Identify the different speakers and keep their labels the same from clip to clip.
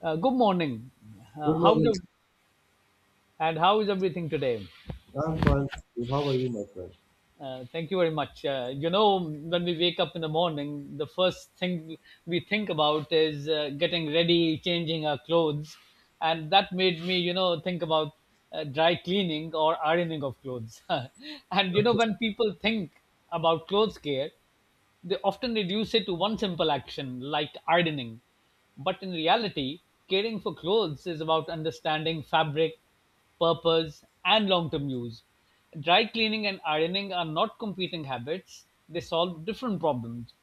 Speaker 1: Good morning.
Speaker 2: Good
Speaker 1: Uh, how's
Speaker 2: morning.
Speaker 1: ev- and how is everything today?
Speaker 2: I'm fine. How are you, my friend?
Speaker 1: Thank you very much. You know, when we wake up in the morning, the first thing we think about is getting ready, changing our clothes, and that made me, you know, think about dry cleaning or ironing of clothes. And you know,
Speaker 2: Okay.
Speaker 1: when people think about clothes care, they often reduce it to one simple action, like ironing. But in reality, caring for clothes is about understanding fabric, purpose, and long term use. Dry cleaning and ironing are not competing habits, they solve different problems.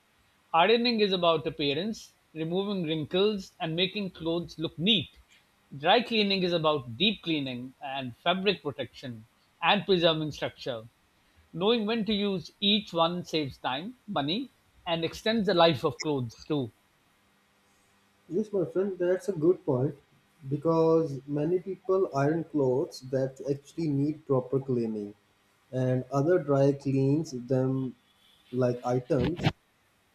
Speaker 1: Ironing is about appearance, removing wrinkles, and making clothes look neat. Dry cleaning is about deep cleaning and fabric protection and preserving structure. Knowing when to use each one saves time, money, and extends the life of clothes too.
Speaker 2: Yes, my friend, that's a good point because many people iron clothes that actually need proper cleaning and other dry cleans them like items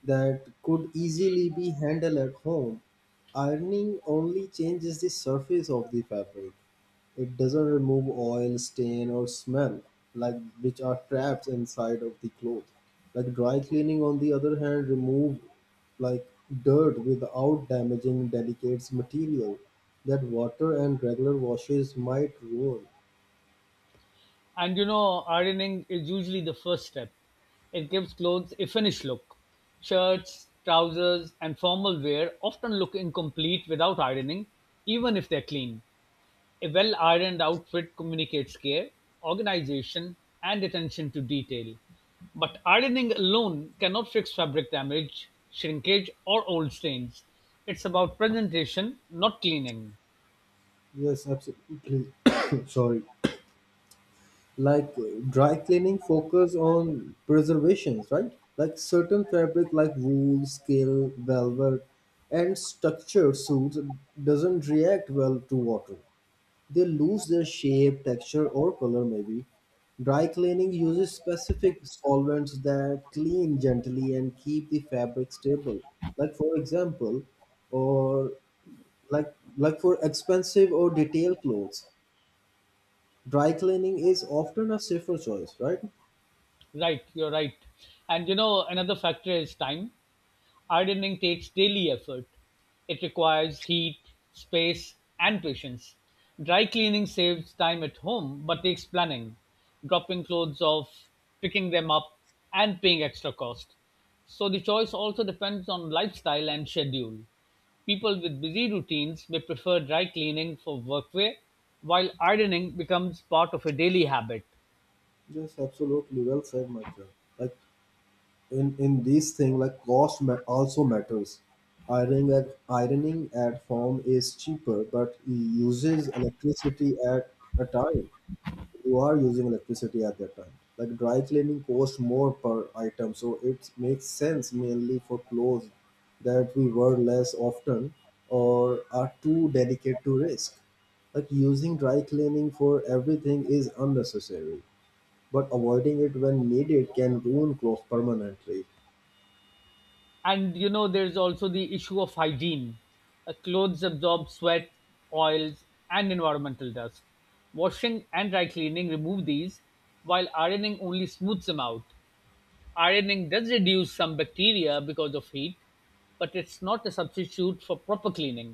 Speaker 2: that could easily be handled at home. Ironing only changes the surface of the fabric. It doesn't remove oil, stain, or smell, like which are trapped inside of the cloth. Like dry cleaning, on the other hand, remove like dirt without damaging delicate material that water and regular washes might ruin.
Speaker 1: And you know, ironing is usually the first step. It gives clothes a finished look. Shirts, trousers, and formal wear often look incomplete without ironing, even if they're clean. A well-ironed outfit communicates care, organization, and attention to detail, but ironing alone cannot fix fabric damage, shrinkage, or old stains. It's about presentation, not cleaning.
Speaker 2: Yes, absolutely. Sorry. like uh, Dry cleaning focus on preservations, right? Like certain fabric like wool scale velvet and structured suits doesn't react well to water. They lose their shape, texture, or color maybe. Dry cleaning uses specific solvents that clean gently and keep the fabric stable, like for example, or like for expensive or detailed clothes, dry cleaning is often a safer choice, right?
Speaker 1: Right, you're right. And you know, another factor is time. Ironing takes daily effort; it requires heat, space, and patience. Dry cleaning saves time at home but takes planning, dropping clothes off, picking them up, and paying extra cost. So the choice also depends on lifestyle and schedule. People with busy routines may prefer dry cleaning for workwear, while ironing becomes part of a daily habit.
Speaker 2: Yes, absolutely. Well said, my friend. Like in these thing, like also matters. Ironing at home is cheaper, but it uses electricity at a time. You are using electricity at that time. Like dry cleaning costs more per item, so it makes sense mainly for clothes that we wear less often or are too delicate to risk. Like using dry cleaning for everything is unnecessary, but avoiding it when needed can ruin clothes permanently.
Speaker 1: And you know, there's also the issue of hygiene. Clothes absorb sweat, oils, and environmental dust. Washing and dry cleaning remove these, while ironing only smooths them out. Ironing does reduce some bacteria because of heat, but it's not a substitute for proper cleaning.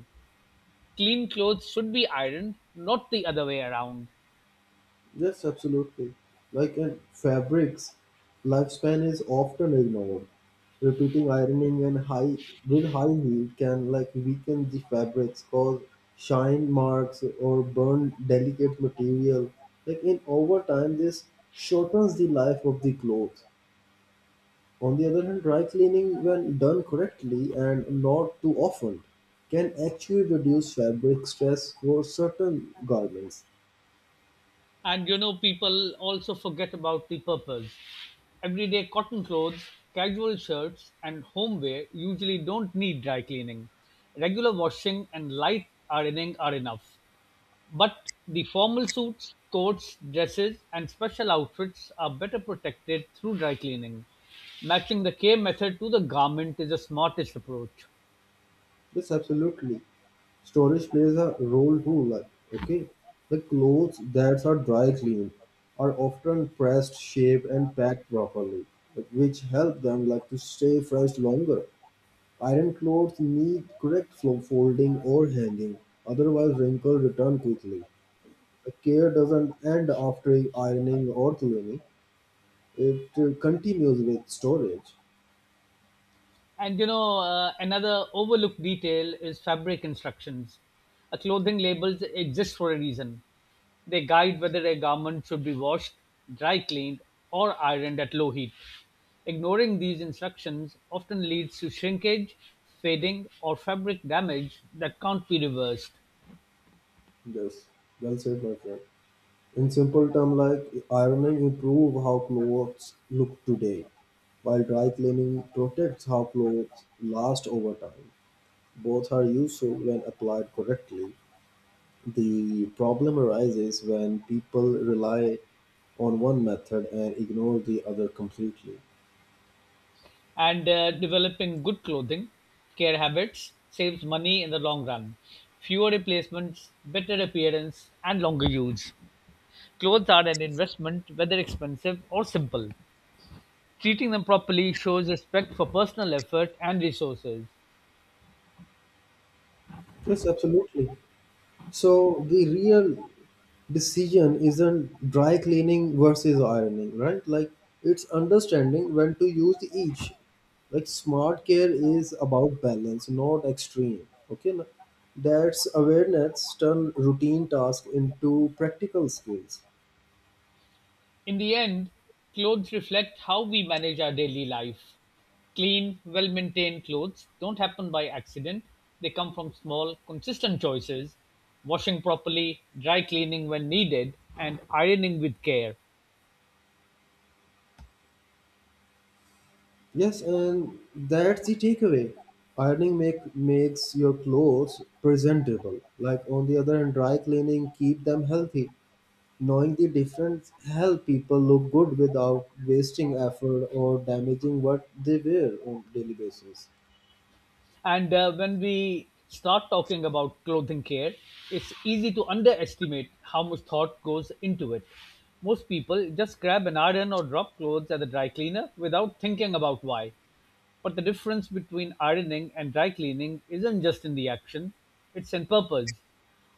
Speaker 1: Clean clothes should be ironed, not the other way around.
Speaker 2: Yes, absolutely. Like in fabrics, lifespan is often ignored. Repeating ironing and high with high heat can like weaken the fabrics, cause shine marks or burn delicate material. Like in over time, this shortens the life of the clothes. On the other hand, dry cleaning, when done correctly and not too often, can actually reduce fabric stress for certain garments.
Speaker 1: And you know, people also forget about the purpose. Everyday cotton clothes, casual shirts, and homeware usually don't need dry cleaning. Regular washing and light ironing are enough. But the formal suits, coats, dresses, and special outfits are better protected through dry cleaning. Matching the care method to the garment is the smartest approach.
Speaker 2: Yes, absolutely. Storage plays a role too. Like, okay, the clothes that are dry cleaned are often pressed, shaped, and packed properly, like, which help them like to stay fresh longer. Iron clothes need folding or hanging, otherwise wrinkles return quickly. Care doesn't end after ironing or cleaning. It continues with storage.
Speaker 1: And you know, another overlooked detail is fabric instructions. A clothing labels exist for a reason. They guide whether a garment should be washed, dry cleaned, or ironed at low heat. Ignoring these instructions often leads to shrinkage, fading, or fabric damage that can't be reversed.
Speaker 2: Yes, well said, my friend. In simple terms, like ironing improve how clothes look today, while dry cleaning protects how clothes last over time. Both are useful when applied correctly. The problem arises when people rely on one method and ignore the other completely.
Speaker 1: And developing good clothing care habits saves money in the long run. Fewer replacements, better appearance, and longer use. Clothes are an investment, whether expensive or simple. Treating them properly shows respect for personal effort and resources.
Speaker 2: Yes, absolutely. So the real decision isn't dry cleaning versus ironing, right? Like it's understanding when to use each. Like smart care is about balance, not extreme. Okay, na? That's awareness turn routine task into practical skills.
Speaker 1: In the end, clothes reflect how we manage our daily life. Clean, well maintained clothes don't happen by accident, they come from small, consistent choices: washing properly, dry cleaning when needed, and ironing with care.
Speaker 2: Yes, and that's the takeaway. Ironing make makes your clothes presentable. Like on the other hand, dry cleaning keep them healthy. Knowing the difference help people look good without wasting effort or damaging what they wear on daily basis.
Speaker 1: And when we start talking about clothing care, it's easy to underestimate how much thought goes into it. Most people just grab an iron or drop clothes at the dry cleaner without thinking about why. But the difference between ironing and dry cleaning isn't just in the action, it's in purpose.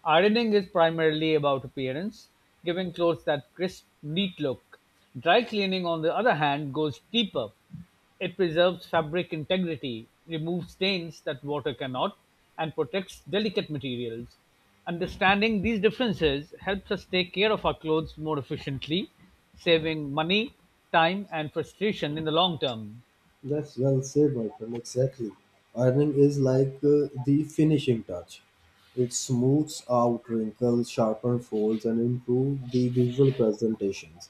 Speaker 1: Ironing is primarily about appearance, giving clothes that crisp, neat look. Dry cleaning, on the other hand, goes deeper. It preserves fabric integrity, removes stains that water cannot, and protects delicate materials. Understanding these differences helps us take care of our clothes more efficiently, saving money, time, and frustration in the long term.
Speaker 2: That's well said, my friend. Exactly. Ironing is like the finishing touch. It smooths out wrinkles, sharpens folds, and improves the visual presentations.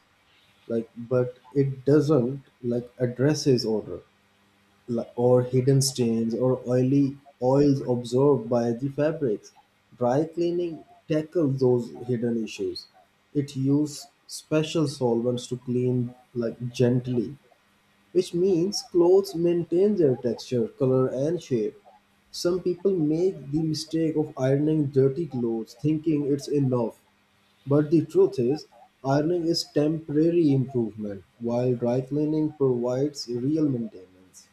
Speaker 2: Like, but it doesn't like addresses odor, or hidden stains or oily oils absorbed by the fabrics. Dry cleaning tackles those hidden issues. It uses special solvents to clean like gently, which means clothes maintain their texture, color and shape. Some people make the mistake of ironing dirty clothes thinking it's enough. But the truth is, ironing is temporary improvement, while dry cleaning provides real maintenance.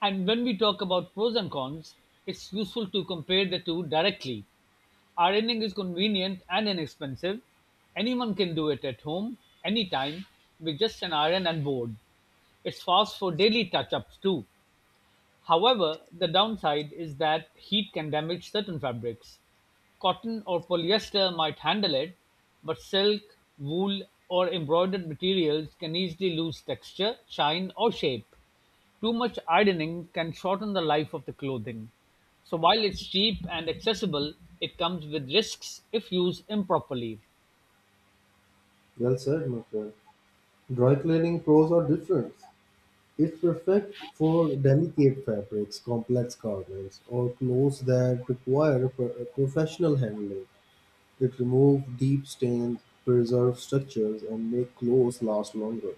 Speaker 1: And when we talk about pros and cons, it's useful to compare the two directly. Ironing is convenient and inexpensive. Anyone can do it at home, anytime, with just an iron and board. It's fast for daily touch ups too. However, the downside is that heat can damage certain fabrics. Cotton or polyester might handle it, but silk, wool, or embroidered materials can easily lose texture, shine, or shape. Too much ironing can shorten the life of the clothing. So while it's cheap and accessible, it comes with risks if used improperly.
Speaker 2: Well said, my friend. Dry cleaning pros are different. It's perfect for delicate fabrics, complex garments, or clothes that require professional handling. It removes deep stains, preserves structures, and make clothes last longer.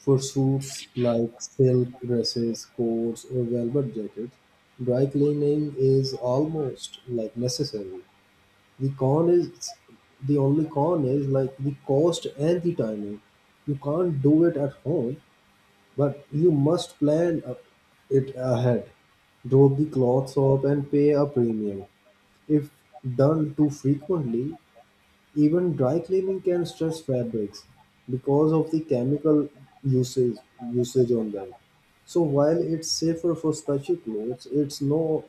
Speaker 2: For suits like silk dresses, coats, or velvet jackets, dry cleaning is almost like necessary. The con is the only con is like the cost and the timing. You can't do it at home, but you must plan a- it ahead. Draw the clothes up and pay a premium. If done too frequently, even dry cleaning can stress fabrics because of the chemical usage usage on them. So while it's safer for stretchy clothes, it's no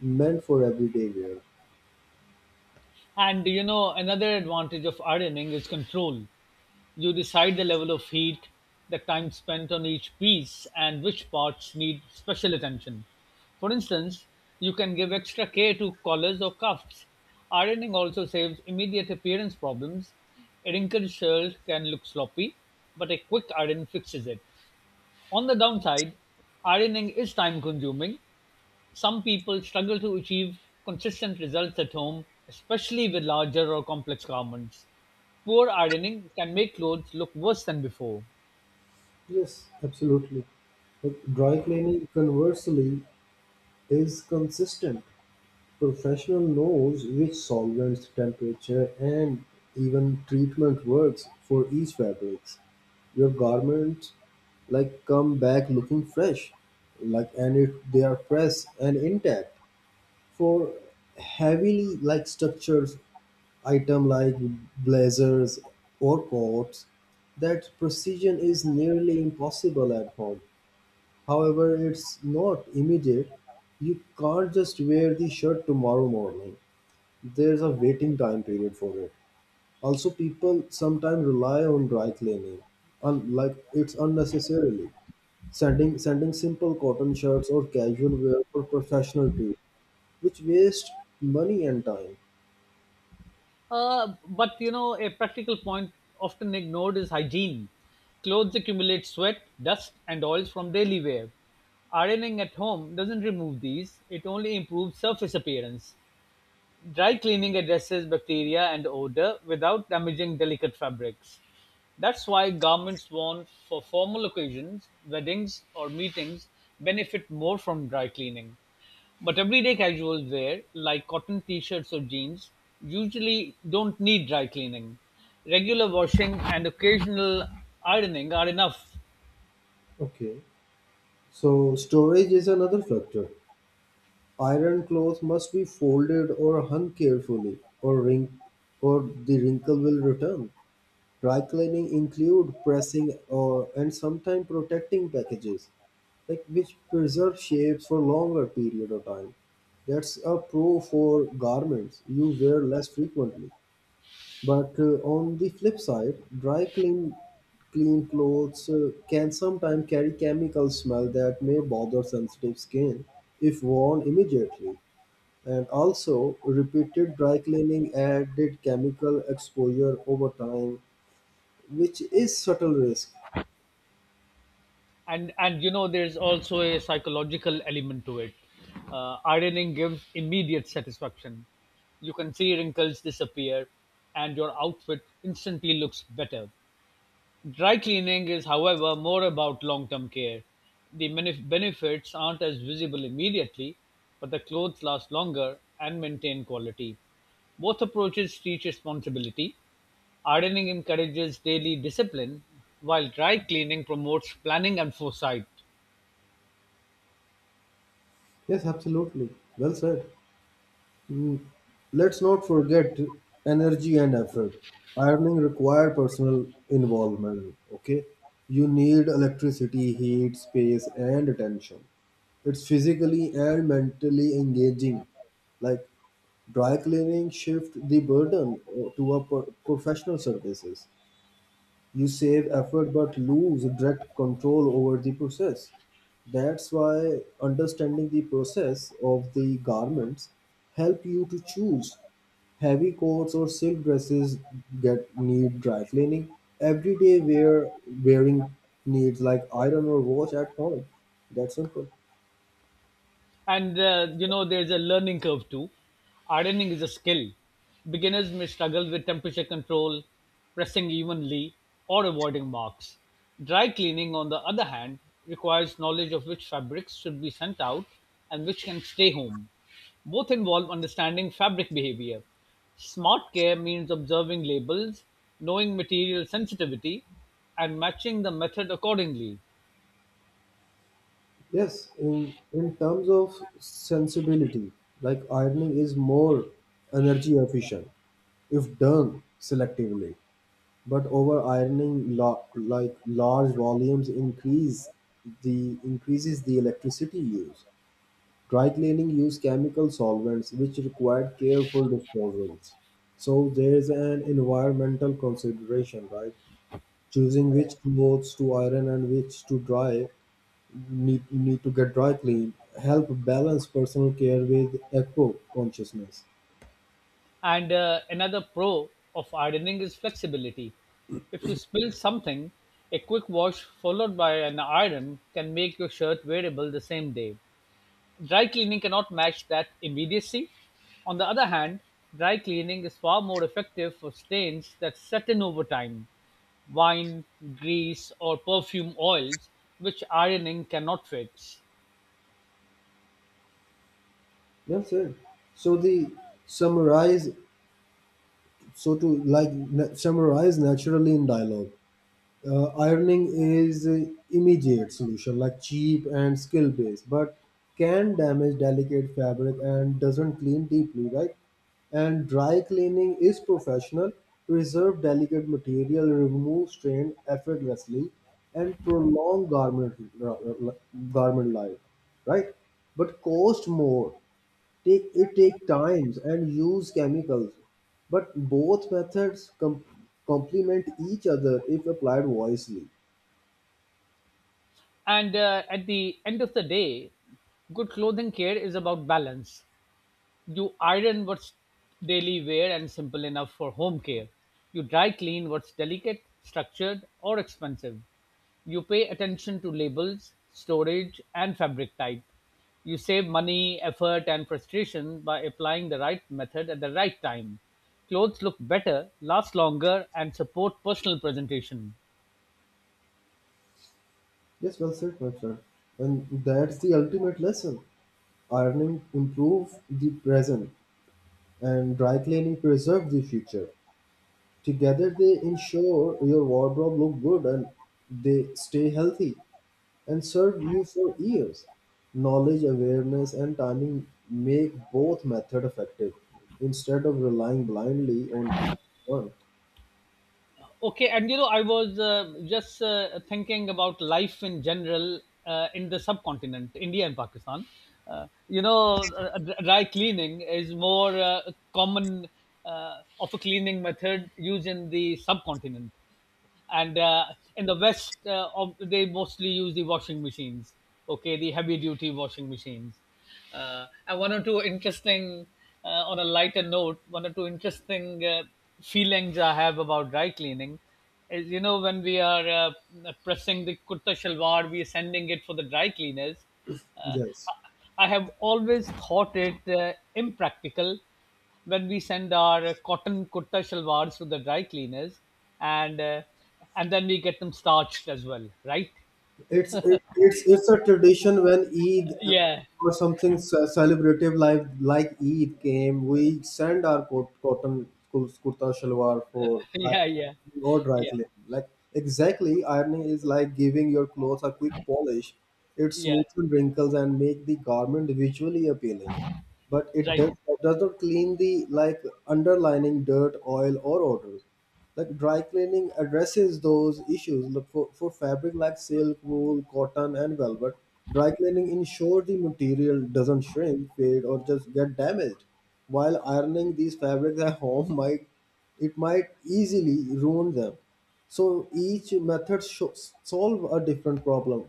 Speaker 2: meant for everyday wear.
Speaker 1: And you know, another advantage of ironing is control. You decide the level of heat, the time spent on each piece, and which parts need special attention. For instance, you can give extra care to collars or cuffs. Ironing also saves immediate appearance problems. A wrinkled shirt can look sloppy, but a quick iron fixes it. On the downside, ironing is time consuming. Some people struggle to achieve consistent results at home, especially with larger or complex garments. Poor ironing can make clothes look worse than before.
Speaker 2: Yes, absolutely. But dry cleaning, conversely, is consistent. Professional knows which solvents, temperature, and even treatment works for each fabrics. Your garments like come back looking fresh, like and it, they are pressed and intact. For heavily like structures, item like blazers or coats, that precision is nearly impossible at home. However, it's not immediate. You can't just wear the shirt tomorrow morning. There's a waiting time period for it. Also, people sometimes rely on dry cleaning, like it's unnecessarily. Sending simple cotton shirts or casual wear for professional too, which waste money and time.
Speaker 1: But you know, a practical point often ignored is hygiene. Clothes accumulate sweat, dust, and oils from daily wear. Ironing at home doesn't remove these, it only improves surface appearance. Dry cleaning addresses bacteria and odor without damaging delicate fabrics. That's why garments worn for formal occasions, weddings, or meetings benefit more from dry cleaning. But everyday casual wear, like cotton t shirts or jeans, usually don't need dry cleaning. Regular washing and occasional ironing are enough.
Speaker 2: Okay. So storage is another factor. Iron clothes must be folded or hung carefully, or the wrinkle will return. Dry cleaning include pressing or and sometimes protecting packages, like which preserve shapes for longer period of time. That's a pro for garments you wear less frequently. But on the flip side, dry clean clothes can sometimes carry chemical smell that may bother sensitive skin if worn immediately. And also, repeated dry cleaning added chemical exposure over time, which is subtle risk.
Speaker 1: And you know, there's also a psychological element to it. Ironing gives immediate satisfaction. You can see wrinkles disappear, and your outfit instantly looks better. Dry cleaning is, however, more about long term care. The benefits aren't as visible immediately, but the clothes last longer and maintain quality. Both approaches teach responsibility. Ironing encourages daily discipline, while dry cleaning promotes planning and foresight.
Speaker 2: Yes, absolutely. Well said. Mm, let's not forget energy and effort. Ironing require personal involvement, okay? You need electricity, heat, space and attention. It's physically and mentally engaging. Like dry cleaning shift the burden to a professional services. You save effort but lose direct control over the process. That's why understanding the process of the garments help you to choose heavy coats or silk dresses get need dry cleaning. Everyday wearing needs like iron or wash at home. That's simple.
Speaker 1: And you know, there's a learning curve too. Ironing is a skill. Beginners may struggle with temperature control, pressing evenly, or avoiding marks. Dry cleaning, on the other hand, requires knowledge of which fabrics should be sent out and which can stay home. Both involve understanding fabric behavior. Smart care means observing labels, knowing material sensitivity, and matching the method accordingly.
Speaker 2: Yes, in terms of sensibility, like ironing is more energy efficient if done selectively. But like large volumes increases the electricity use. Dry cleaning use chemical solvents which require careful disposals. So there is an environmental consideration, right? Choosing which clothes to iron and which to need to get dry cleaned help balance personal care with eco consciousness.
Speaker 1: And another pro of ironing is flexibility. If you spill something, a quick wash followed by an iron can make your shirt wearable the same day. Dry cleaning cannot match that immediacy. On the other hand, dry cleaning is far more effective for stains that set in over time: wine, grease, or perfume oils, which ironing cannot fix.
Speaker 2: That's it. So the summarize so to like summarize naturally in dialogue, ironing is a immediate solution like cheap and skill based but can damage delicate fabric and doesn't clean deeply, right? And dry cleaning is professional, preserve delicate material, remove strain effortlessly, and prolong uh, uh, garment life, right? But cost more. Take times and use chemicals, but both methods complement each other if applied wisely.
Speaker 1: And at the end of the day, good clothing care is about balance. You iron what's daily wear and simple enough for home care. You dry clean what's delicate, structured, or expensive. You pay attention to labels, storage, and fabric type. You save money, effort, and frustration by applying the right method at the right time. Clothes look better, last longer, and support personal presentation.
Speaker 2: Yes, well said, my friend. And that's the ultimate lesson. Ironing improve the present, and dry cleaning preserve the future. Together, they ensure your wardrobe look good and they stay healthy and serve you for years. Knowledge, awareness, and timing make both method effective instead of relying blindly on one.
Speaker 1: Okay, and you know, I was just thinking about life in general, in the subcontinent, India and Pakistan. You know, dry cleaning is more common of a cleaning method used in the subcontinent, and in the west they mostly use the washing machines. Okay, the heavy duty washing machines. And one or two interesting on a lighter note, one or two interesting feelings I have about dry cleaning is, you know, when we are pressing the kurta shalwar, we are sending it for the dry cleaners. uh,
Speaker 2: Yes.
Speaker 1: I have always thought it impractical when we send our cotton kurta shalwars to the dry cleaners, and and then we get them starched as well, right?
Speaker 2: It's it, it's a tradition. When Eid
Speaker 1: Yeah.
Speaker 2: or something celebrative like Eid came, we send our cotton kurta shalwar for
Speaker 1: Yeah, yeah.
Speaker 2: or dry
Speaker 1: Yeah.
Speaker 2: cleaning. Like exactly, ironing is like giving your clothes a quick polish. It
Speaker 1: Yeah.
Speaker 2: smoothens wrinkles and make the garment visually appealing, but it does
Speaker 1: Right.
Speaker 2: does not clean the like underlining dirt, oil, or odor. Like dry cleaning addresses those issues look for fabric like silk, wool, cotton and velvet. Dry cleaning ensures the material doesn't shrink, fade or just get damaged, while ironing these fabrics at home might, it might easily ruin them. So each method solve a different problem.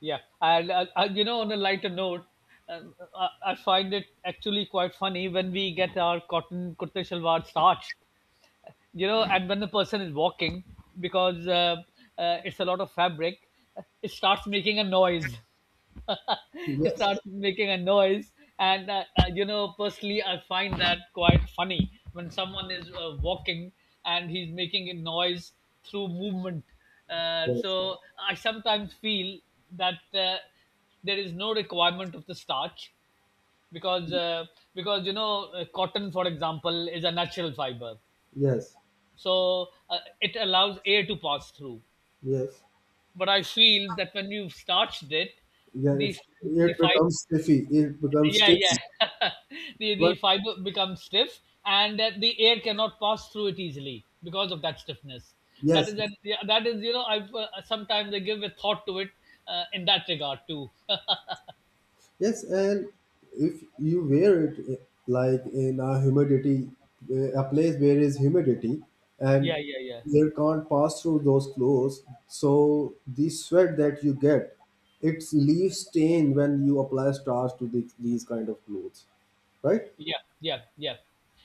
Speaker 1: Yeah. And you know, on a lighter note, I find it actually quite funny when we get our cotton kurta shalwar starched, you know, and when the person is walking, because it's a lot of fabric, it starts making a noise. It
Speaker 2: Yes.
Speaker 1: starts making a noise, and you know, personally I find that quite funny when someone is walking and he's making a noise through movement. uh,
Speaker 2: Yes.
Speaker 1: so I sometimes feel that there is no requirement of the starch, because because, you know, cotton for example is a natural fiber,
Speaker 2: Yes.
Speaker 1: so it allows air to pass through.
Speaker 2: Yes.
Speaker 1: But I feel that when you've starched it,
Speaker 2: Yeah,
Speaker 1: the
Speaker 2: it's
Speaker 1: the
Speaker 2: it
Speaker 1: fiber,
Speaker 2: becomes stiffy, it becomes
Speaker 1: yeah,
Speaker 2: stiff.
Speaker 1: yeah. The
Speaker 2: But
Speaker 1: fiber becomes stiff, and that the air cannot pass through it easily because of that stiffness.
Speaker 2: yes.
Speaker 1: Yeah, that is, you know, I've sometimes I give a thought to it in that regard too.
Speaker 2: Yes, and if you wear it like in a humidity, a place where is humidity
Speaker 1: Yeah,
Speaker 2: and
Speaker 1: yeah, yeah.
Speaker 2: air can't pass through those clothes, so the sweat that you get, it leaves stain when you apply starch to the, these kind of clothes, right?
Speaker 1: Yeah, yeah, yeah.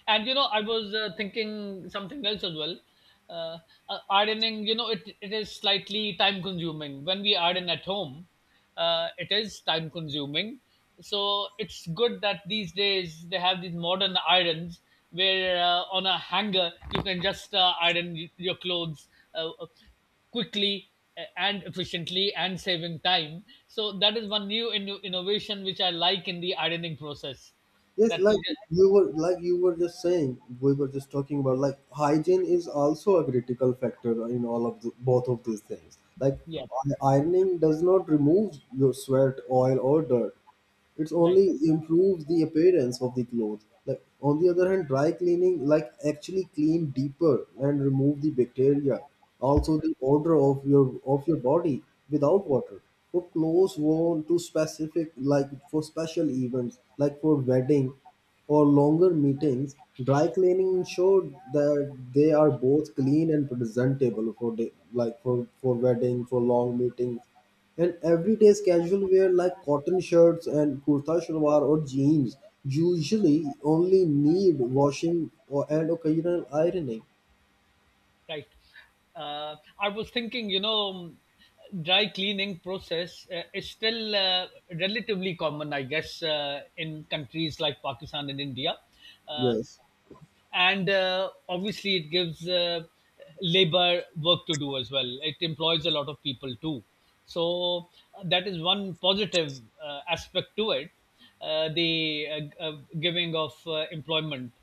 Speaker 1: And you know, I was thinking something else as well. Uh, Ironing, you know, it is slightly time consuming. When we iron at home, it is time consuming. So it's good that these days they have these modern irons where, on a hanger, you can just your clothes uh, uh, quickly and efficiently, and saving time. So that is one new innovation which I like in the ironing process
Speaker 2: Yes,
Speaker 1: that you just,
Speaker 2: like you were just saying, we were just talking about like hygiene is also a critical factor in all of the, both of these things. Like
Speaker 1: yeah,
Speaker 2: ironing does not remove your sweat, oil, or dirt. It
Speaker 1: right,
Speaker 2: only improves the appearance of the clothes. Like on the other hand, dry cleaning like actually clean deeper and remove the bacteria, also the odor of your body without water. For clothes worn to specific like for special events like for wedding or longer meetings, dry cleaning ensured that they are both clean and presentable for day, like for wedding, for long meetings, and everyday's casual wear like cotton shirts and kurta shalwar or jeans usually only need washing or and occasional ironing.
Speaker 1: right. Uh, i was thinking, you know, dry cleaning process is still relatively common, I guess, in countries like Pakistan and India. uh,
Speaker 2: Yes,
Speaker 1: and obviously it gives labor work to do as well. It employs a lot of people too. So that is one positive aspect to it, the giving of employment.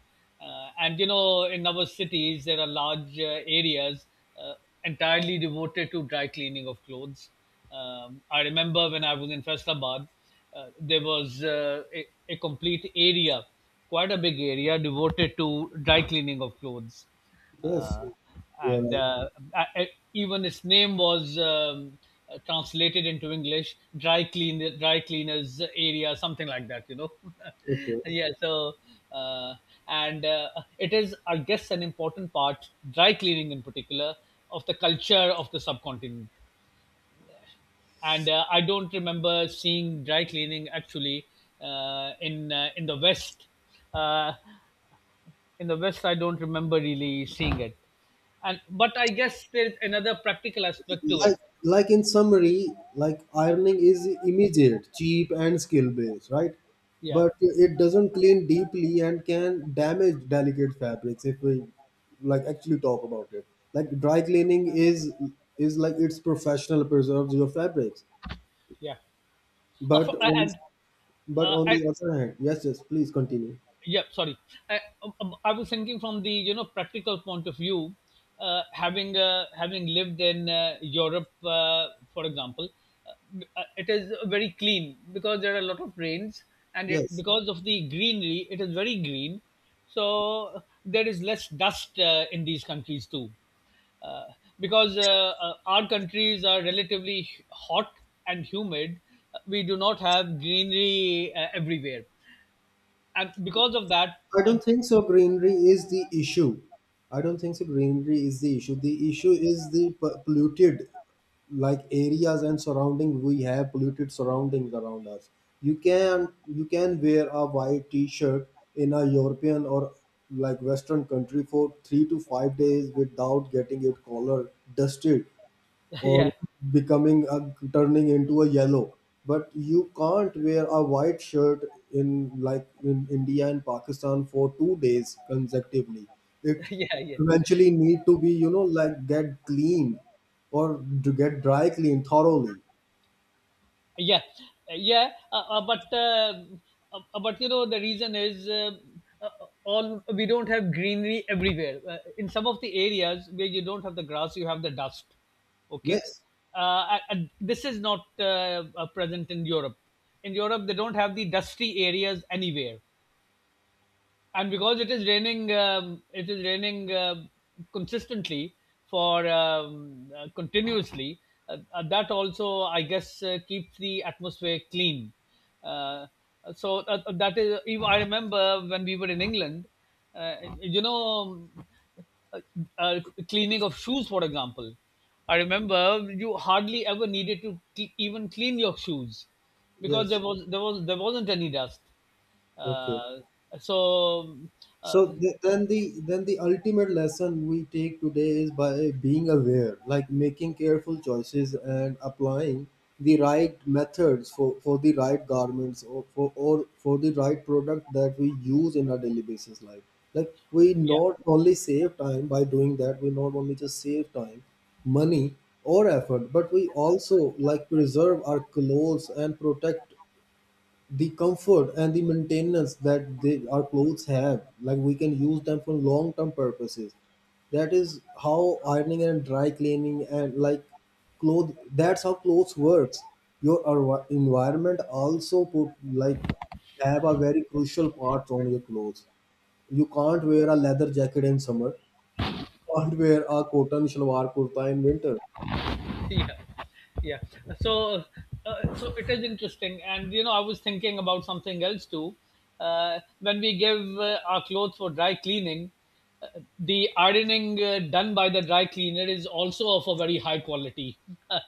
Speaker 1: And you know, in our cities there are large areas uh, uh, entirely devoted to dry cleaning of clothes. I remember when I was in Faisalabad, there was a complete area, quite a big area, devoted to dry cleaning of clothes.
Speaker 2: yes,
Speaker 1: Uh,
Speaker 2: you are
Speaker 1: and
Speaker 2: right.
Speaker 1: I, I- even its name was translated into English, dry clean, dry cleaners area, something like that, you know.
Speaker 2: Okay.
Speaker 1: Yeah, so uh, and it is, I guess, an important part, dry cleaning in particular, of the culture of the subcontinent. And I don't remember seeing dry cleaning actually in the west. uh, in the west I don't remember really seeing it. And but I guess there's another practical aspect to it.
Speaker 2: Like, like in summary, like ironing is immediate, cheap, and skill based, right?
Speaker 1: Yeah,
Speaker 2: But it doesn't clean deeply and can damage delicate fabrics if we like actually talk about it. Like dry cleaning is like it's professional, preserves your fabrics.
Speaker 1: yeah.
Speaker 2: But on,
Speaker 1: And
Speaker 2: but
Speaker 1: uh,
Speaker 2: on
Speaker 1: I,
Speaker 2: the other hand, yes, yes, please continue.
Speaker 1: yeah, sorry. I was thinking from the, you know, practical point of view, having having lived in Europe, for example. It is very clean because there are a lot of rains, and it,
Speaker 2: Yes,
Speaker 1: because of the greenery, it is very green. So there is less dust in these countries too, uh, because our countries are relatively hot and humid. We do not have greenery everywhere, and because of that
Speaker 2: I
Speaker 1: uh,
Speaker 2: don't think so. Greenery is the issue. I don't think so. Greenery is the issue. The issue is the polluted, like areas and surrounding. We have polluted surroundings around us. You can wear a white T-shirt in a European or like Western country for 3 to 5 days without getting it collar dusted or
Speaker 1: yeah
Speaker 2: turning into a yellow, but you can't wear a white shirt in like in India and Pakistan for 2 days consecutively. It
Speaker 1: yeah, yeah,
Speaker 2: eventually need to be you know like get clean or to get dry clean thoroughly.
Speaker 1: yeah, yeah. But you know, the reason is uh, all, we don't have greenery everywhere. In some of the areas where you don't have the grass, you have the dust. Okay.
Speaker 2: Yes,
Speaker 1: And this is not present in Europe. In Europe they don't have the dusty areas anywhere. And because it is raining, it is raining consistently for continuously, that also, I guess, keeps the atmosphere clean. uh, that is, even I remember when we were in England, uh, you know um, uh, uh, cleaning of shoes, for example. I remember you hardly ever needed to cle even clean your shoes, because
Speaker 2: yes,
Speaker 1: there was there was there wasn't any dust.
Speaker 2: okay.
Speaker 1: uh, so
Speaker 2: So
Speaker 1: uh,
Speaker 2: then the ultimate lesson we take today is by being aware, like making careful choices and applying the right methods for the right garments or for the right product that we use in our daily basis life. Like we
Speaker 1: yeah.
Speaker 2: not only save time by doing that, we not only just save time, money or effort, but we also like preserve our clothes and protect the comfort and the maintenance that our clothes have, like we can use them for long term purposes. That is how ironing and dry cleaning and like clothes that's how clothes works. Your environment also put like have a very crucial part on your clothes. You can't wear a leather jacket in summer, can't wear a cotton shalwar kurta in winter.
Speaker 1: Yeah, yeah. So so it is interesting. And you know, I was thinking about something else too. When we give our clothes for dry cleaning, uh, the ironing done by the dry cleaner is also of a very high quality.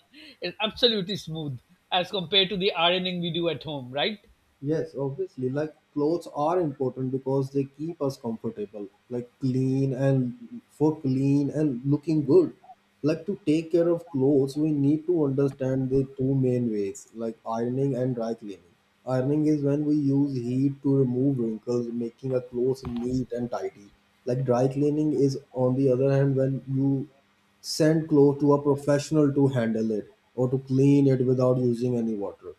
Speaker 1: It's absolutely smooth as compared to the ironing we do at home, right?
Speaker 2: Yes, obviously, like clothes are important because they keep us comfortable, like clean and for clean and looking good. Like to take care of clothes, we need to understand the two main ways, like ironing and dry cleaning. Ironing is when we use heat to remove wrinkles, making a clothes neat and tidy. Like dry cleaning is, on the other hand, when you send clothes to a professional to handle it or to clean it without using any water,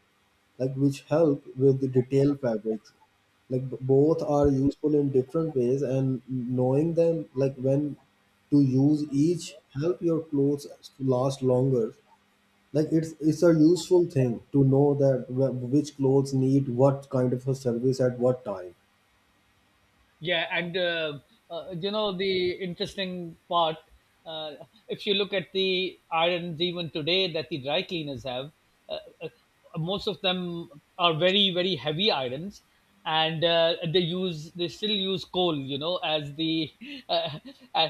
Speaker 2: like which help with the detail fabrics. Like both are useful in different ways, and knowing them, like when to use each, help your clothes last longer. Like it's a useful thing to know that which clothes need what kind of a service at what time.
Speaker 1: Yeah. and You know, the interesting part. Uh, if you look at the irons even today that the dry cleaners have, uh, uh, most of them are very, very heavy irons, and they still use coal, you know, as the uh, uh,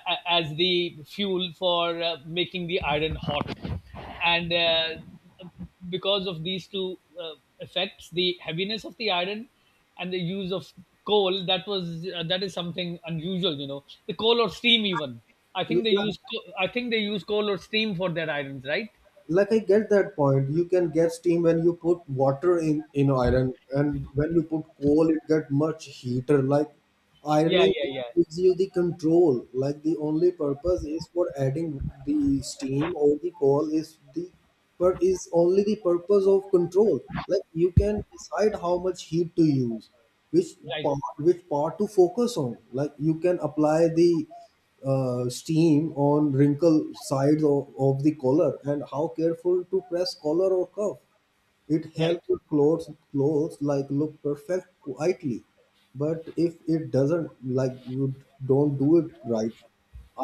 Speaker 1: as the fuel for making the iron hot. And. Because of these two effects, the heaviness of the iron and the use of coal, that was that is something unusual. You know, the coal or steam. Even I think they
Speaker 2: Yeah,
Speaker 1: use coal or steam for their irons, right?
Speaker 2: like I get that point. You can get steam when you put water in iron, and when you put coal it get much heater. Like
Speaker 1: Yeah,
Speaker 2: ironing
Speaker 1: yeah, yeah,
Speaker 2: gives you the control. Like the only purpose is for adding the steam or the coal is the but is only the purpose of control. Like you can decide how much heat to use, which
Speaker 1: right,
Speaker 2: part to focus on. Like you can apply the steam on wrinkle sides of the collar, and how careful to press collar or cuff. It
Speaker 1: right,
Speaker 2: helps clothes like look perfect quietly, but if it doesn't, like you don't do it right,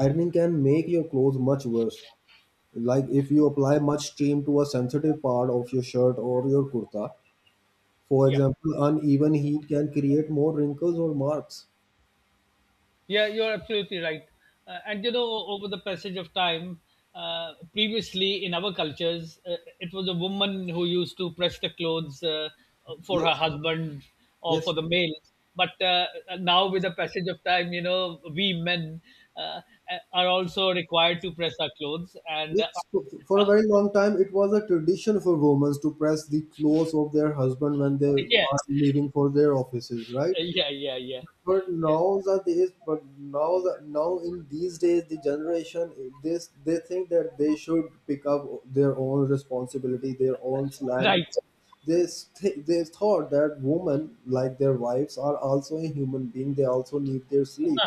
Speaker 2: ironing can make your clothes much worse. Like if you apply much steam to a sensitive part of your shirt or your kurta, for
Speaker 1: yeah.
Speaker 2: example, uneven heat can create more wrinkles or marks.
Speaker 1: Yeah, you're absolutely right. And you know, over the passage of time, previously in our cultures, it was a woman who used to press the clothes for her
Speaker 2: Yes,
Speaker 1: husband or
Speaker 2: yes.
Speaker 1: for the male. But now, with the passage of time, you know, we men uh, are also required to press our clothes. And
Speaker 2: Yes, for a very long time, it was a tradition for women to press the clothes of their husband when they
Speaker 1: yeah,
Speaker 2: are leaving for their offices, right?
Speaker 1: yeah, yeah, yeah,
Speaker 2: But
Speaker 1: yeah,
Speaker 2: nowadays, now in these days, the generation this they think that they should pick up their own responsibility, their own slack.
Speaker 1: right.
Speaker 2: Because they thought that women, like their wives, are also a human being. They also need their sleep.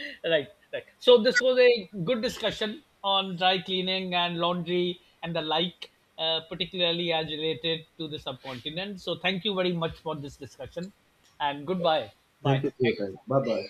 Speaker 1: Right, right. So this was a good discussion on dry cleaning and laundry and the like, particularly as related to the subcontinent. So thank you very much for this discussion, and goodbye.
Speaker 2: Thank
Speaker 1: Bye.
Speaker 2: you for your time.
Speaker 1: Thanks.
Speaker 2: Bye bye.